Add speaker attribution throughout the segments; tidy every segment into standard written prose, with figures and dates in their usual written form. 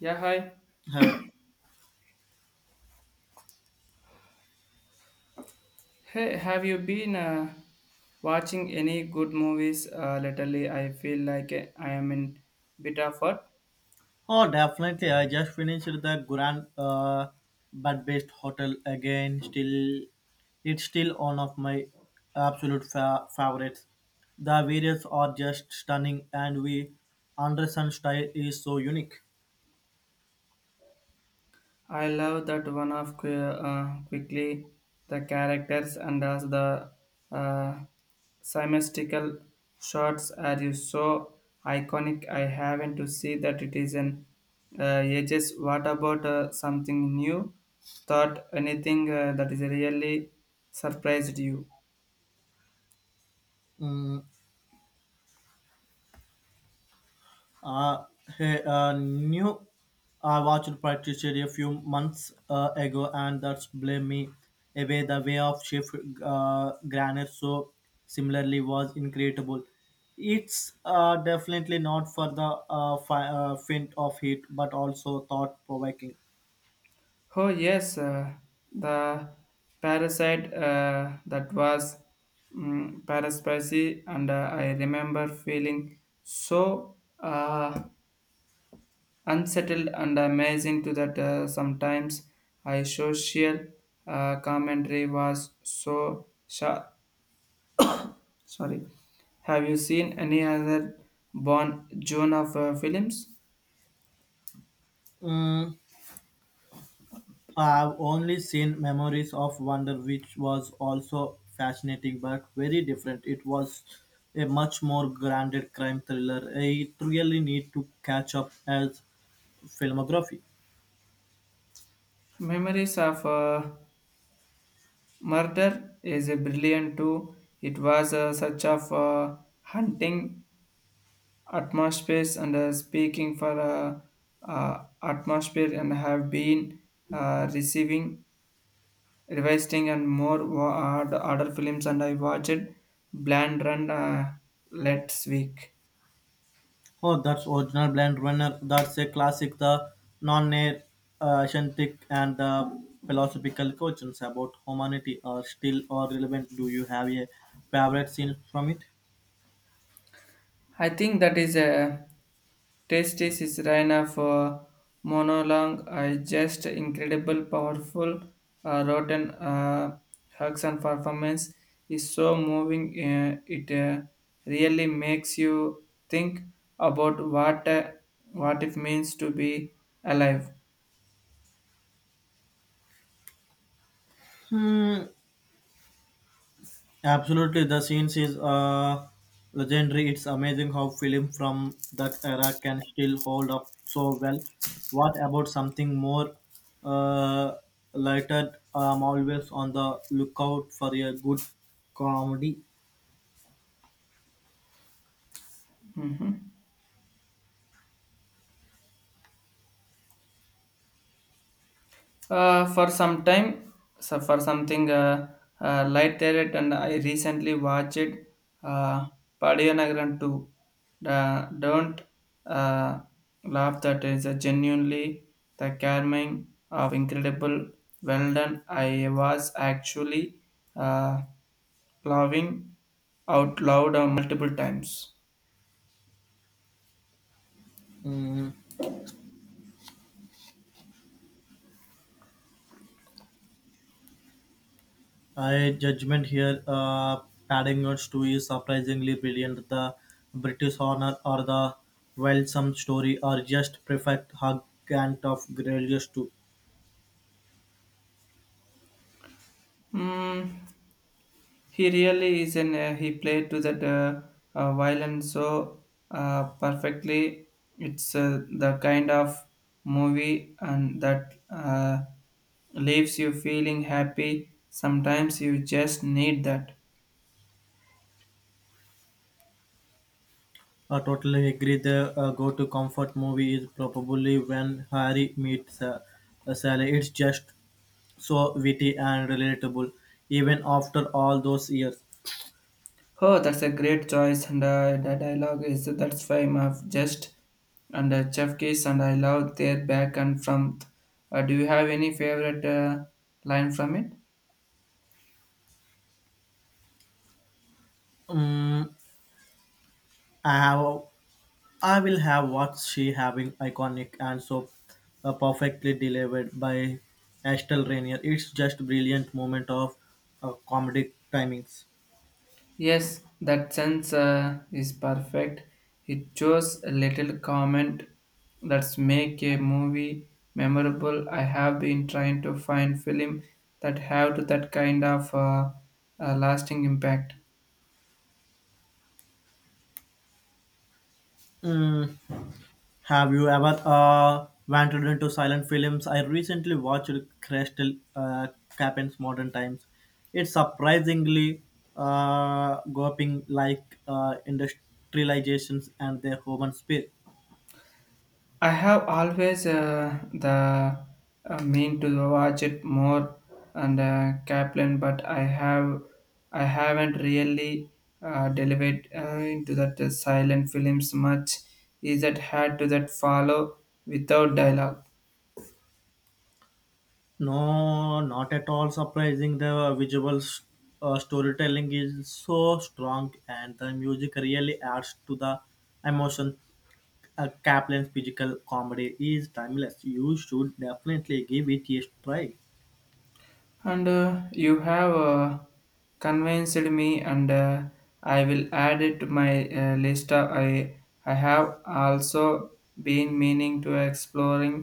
Speaker 1: Yeah, hi.
Speaker 2: Hi.
Speaker 1: Hey, have you been watching any good movies lately? I feel like I am in bit of what.
Speaker 2: Oh, definitely. I just finished the Grand Bad Best Hotel again. It's still one of my absolute favorites. The variants are just stunning, and we Anderson style is so unique.
Speaker 1: I love that one of quickly the characters and as the uh, symmetrical shots are you so iconic. I haven't to see that it is an ages. What about something new? Thought anything that is really surprised you?
Speaker 2: Mm, Uh, Hey, new. I watched Practitioner a few months ago, and that's blame me away. The way of Chef Granite so similarly was incredible. It's definitely not for the faint of heat, but also thought provoking.
Speaker 1: Oh yes, the parasite that was paraspacy, and I remember feeling so unsettled and amazing to that. Sometimes I social commentary was so sharp. Sorry, have you seen any other Bon June of films?
Speaker 2: I've only seen Memories of Wonder, which was also fascinating but very different. It was a much more grounded crime thriller. I really need to catch up as filmography.
Speaker 1: Memories of Murder is a brilliant too. It was a such of a hunting atmosphere and speaking for atmosphere and have been receiving revising and more the other films and I watched Bland Run last week.
Speaker 2: Oh, that's original Blade Runner. That's a classic. The non-air scientific and the philosophical questions about humanity are still are relevant. Do you have a favorite scene from it?
Speaker 1: I think that is a tasty Sisraina for monologue. I just incredible, powerful, rotten Huxon performance is so moving. It really makes you think about what it means to be alive.
Speaker 2: Hmm. Absolutely, the scenes is legendary. It's amazing how film from that era can still hold up so well. What about something more uh, lighter? I'm always on the lookout for a good comedy.
Speaker 1: For some time, so for something light there, and I recently watched uh, Padiyanagram 2. Don't uh, laugh, that is a genuinely the charming of incredible well done. I was actually uh, laughing out loud multiple times.
Speaker 2: Mm, I judgment here. Paddington 2 is surprisingly brilliant. The British Honor or the Wildsome Story are just perfect hug and of Grelius 2.
Speaker 1: Hmm. He really is an he played to that violin so perfectly. It's the kind of movie and that leaves you feeling happy. Sometimes you just need that.
Speaker 2: I totally agree. The go-to comfort movie is probably When Harry Meets Sally. It's just so witty and relatable, even after all those years.
Speaker 1: Oh, that's a great choice, and the dialogue is that's fine of just and Chef Kiss, and I love their back and front. Do you have any favorite line from it?
Speaker 2: Um, I have, I will have what she having iconic and so perfectly delivered by Estelle Rainier. It's just brilliant moment of comedic timings.
Speaker 1: Yes, that sense is perfect. It shows a little comment that's make a movie memorable. I have been trying to find film that have that kind of lasting impact.
Speaker 2: Mm, Have you ever wandered into silent films? I recently watched Crystal Captain's Modern Times. It's surprisingly groping like industrializations and their human spirit.
Speaker 1: I have always the mean to watch it more and Kaplan, but I haven't really delved into that silent films much. Is that hard to that follow without dialogue?
Speaker 2: No, not at all surprising. The storytelling is so strong, and the music really adds to the emotion. Kaplan's physical comedy is timeless. You should definitely give it a try.
Speaker 1: And you have convinced me and I will add it to my list i have also been meaning to exploring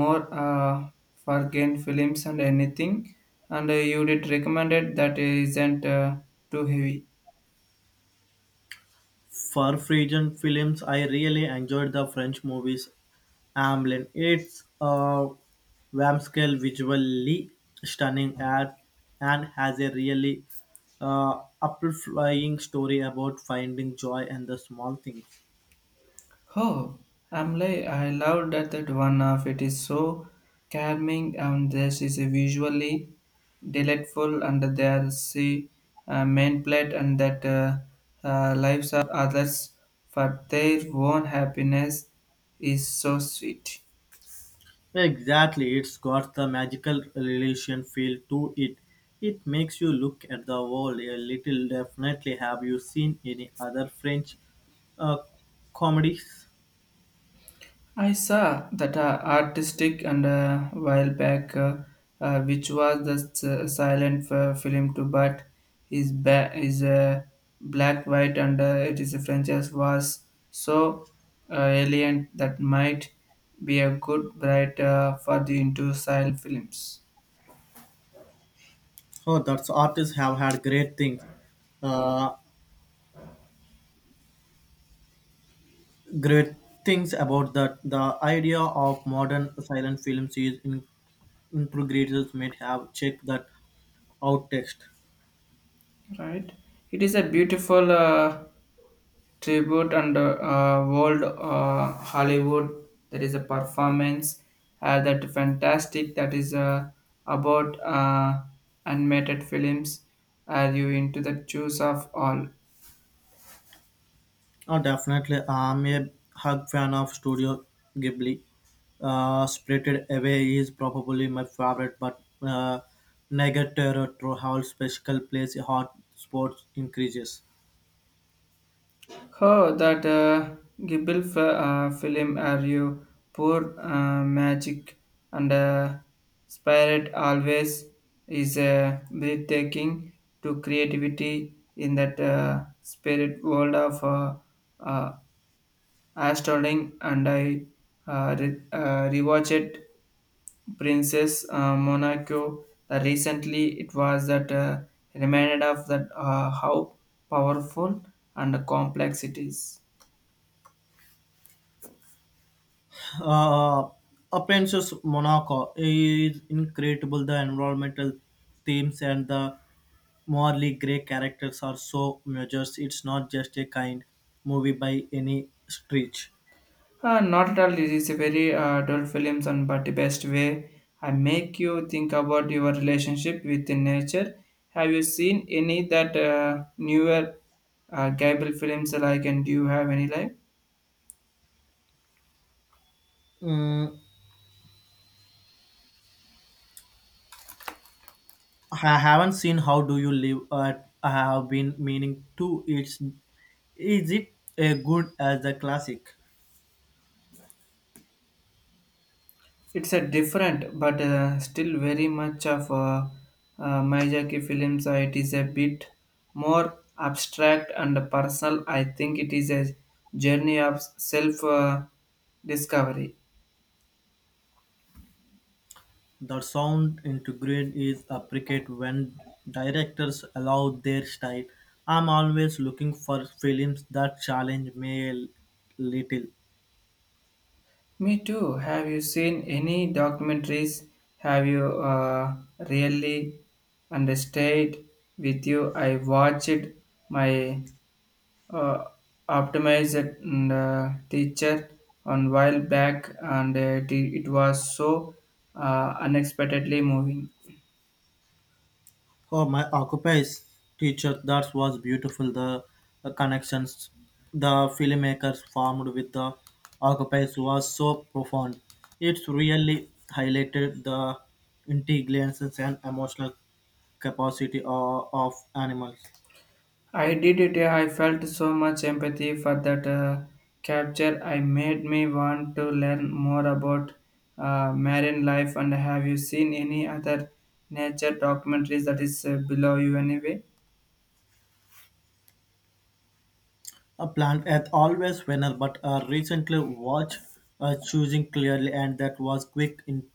Speaker 1: more forgotten films and anything and you did recommended that isn't too heavy.
Speaker 2: For Frisian films, I really enjoyed the French movies Amblin. It's a scale visually stunning ad and has a really uh, flying story about finding joy in the small things.
Speaker 1: Oh, Amlay, I love that that one of it is so charming and this is visually delightful and there see main plate and that lives of others for their own happiness is so sweet.
Speaker 2: Exactly, it's got the magical relation feel to it. It makes you look at the world a little. Definitely, have you seen any other French uh, comedies?
Speaker 1: I saw that artistic and while back, which was the silent film to but is black white and it is a franchise was so alien that might be a good bright for the into silent films.
Speaker 2: Oh, that's artists have had great things, uh, great things about that. The idea of modern silent films is in, integrators may have checked that out text.
Speaker 1: Right, it is a beautiful tribute and world hollywood there is a performance that fantastic that is about animated films. Are you into the choose of all?
Speaker 2: Oh, definitely, I'm a hug fan of Studio Ghibli. Spirited Away is probably my favorite, but Negative Terror Hall special plays a hot sports increases.
Speaker 1: How that Gibble film are you poor magic and spirit always is breathtaking to creativity in that spirit world of uh, Astounding. And I rewatched Princess Monaco recently. It was that reminded of that how powerful and complex it is.
Speaker 2: uh, Appearances Monaco is incredible. The environmental themes and the morally grey characters are so measures. It's not just a kind movie by any stretch.
Speaker 1: Not at all. This is a very dull films, and but the best way I make you think about your relationship with the nature. Have you seen any that newer Gable films like? And do you have any like?
Speaker 2: Mm, I haven't seen How Do You Live. I have been meaning to. It's Is it a good as a classic?
Speaker 1: It's a different, but still very much of Miyazaki films. It is a bit more abstract and personal. I think it is a journey of self discovery.
Speaker 2: The sound integrated is appreciated when directors allow their style. I'm always looking for films that challenge me a little.
Speaker 1: Me too. Have you seen any documentaries? Have you really understood with you? I watched my uh, optimized teacher on while back, and it was so unexpectedly moving.
Speaker 2: Oh, my Occupy's teacher, that was beautiful. The connections the filmmakers formed with the Occupy's was so profound. It's really highlighted the intelligence and emotional capacity of animals.
Speaker 1: I did it. Yeah, I felt so much empathy for that capture. I made me want to learn more about marine life. And have you seen any other nature documentaries that is below you anyway?
Speaker 2: A plant at always winner, but recently watched choosing clearly, and that was quick,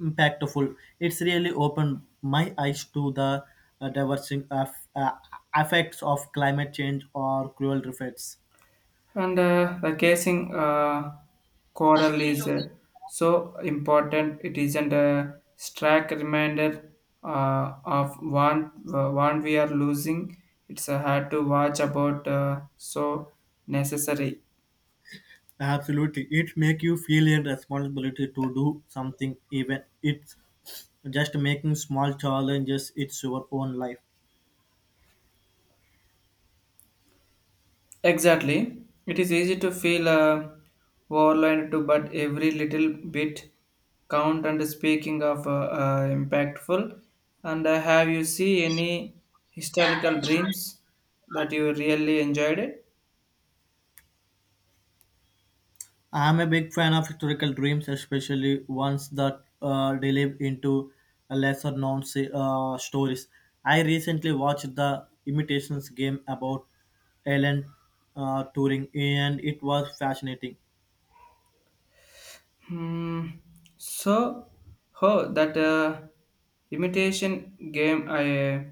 Speaker 2: impactful. It's really opened my eyes to the diversing of effects of climate change or cruel effects.
Speaker 1: And the casing coral is so important. It isn't a stark reminder of one we are losing. It's hard to watch about so necessary.
Speaker 2: Absolutely, it make you feel a responsibility to do something, even it's just making small challenges. It's your own life.
Speaker 1: Exactly. It is easy to feel overwhelmed too, but every little bit count. And speaking of impactful, and have you see any historical dreams that you really enjoyed it?
Speaker 2: I'm a big fan of historical dreams, especially ones that delve into lesser known stories. I recently watched The Imitations Game about Alan Turing, and it was fascinating.
Speaker 1: Hmm. So, oh, that imitation game, I uh,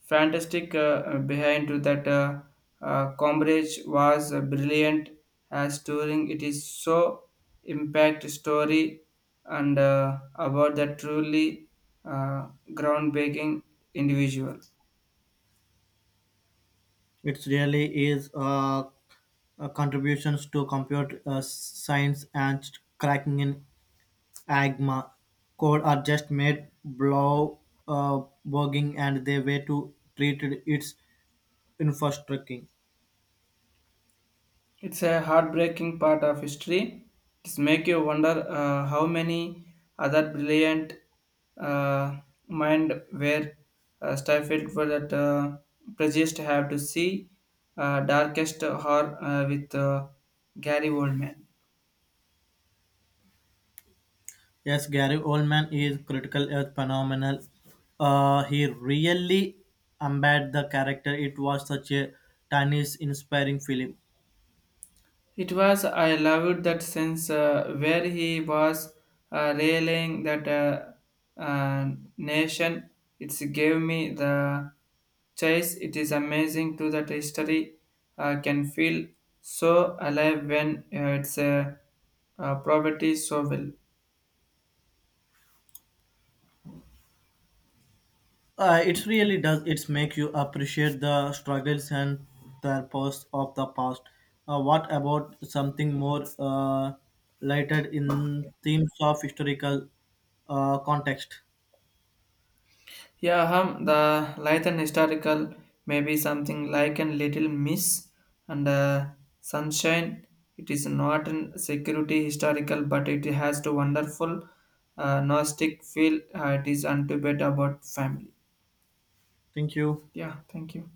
Speaker 1: fantastic behind to that coverage was brilliant as touring. It is so impact story and about that truly uh, groundbreaking individual.
Speaker 2: It really is contributions to computer science and cracking in AGMA code are just made blow uh, bugging and the way to treat its infrastructure.
Speaker 1: It's a heartbreaking part of history. It's make you wonder how many other brilliant uh, mind were stifled for that prejudiced have to see darkest horror with Gary Oldman.
Speaker 2: Yes, Gary Oldman is critical as phenomenal. He really embodied the character. It was such a timeless, inspiring film.
Speaker 1: It was, I loved that sense where he was railing that nation. It gave me the chase. It is amazing to that history can feel so alive when it's poverty so well.
Speaker 2: It really does. It makes you appreciate the struggles and the past of the past. What about something more lighted in themes of historical context?
Speaker 1: Yeah, hum, the Lythan historical may be something like a little miss and sunshine. It is not a security historical, but it has to wonderful nostalgic feel. It is unto bit about family.
Speaker 2: Thank you.
Speaker 1: Yeah, thank you.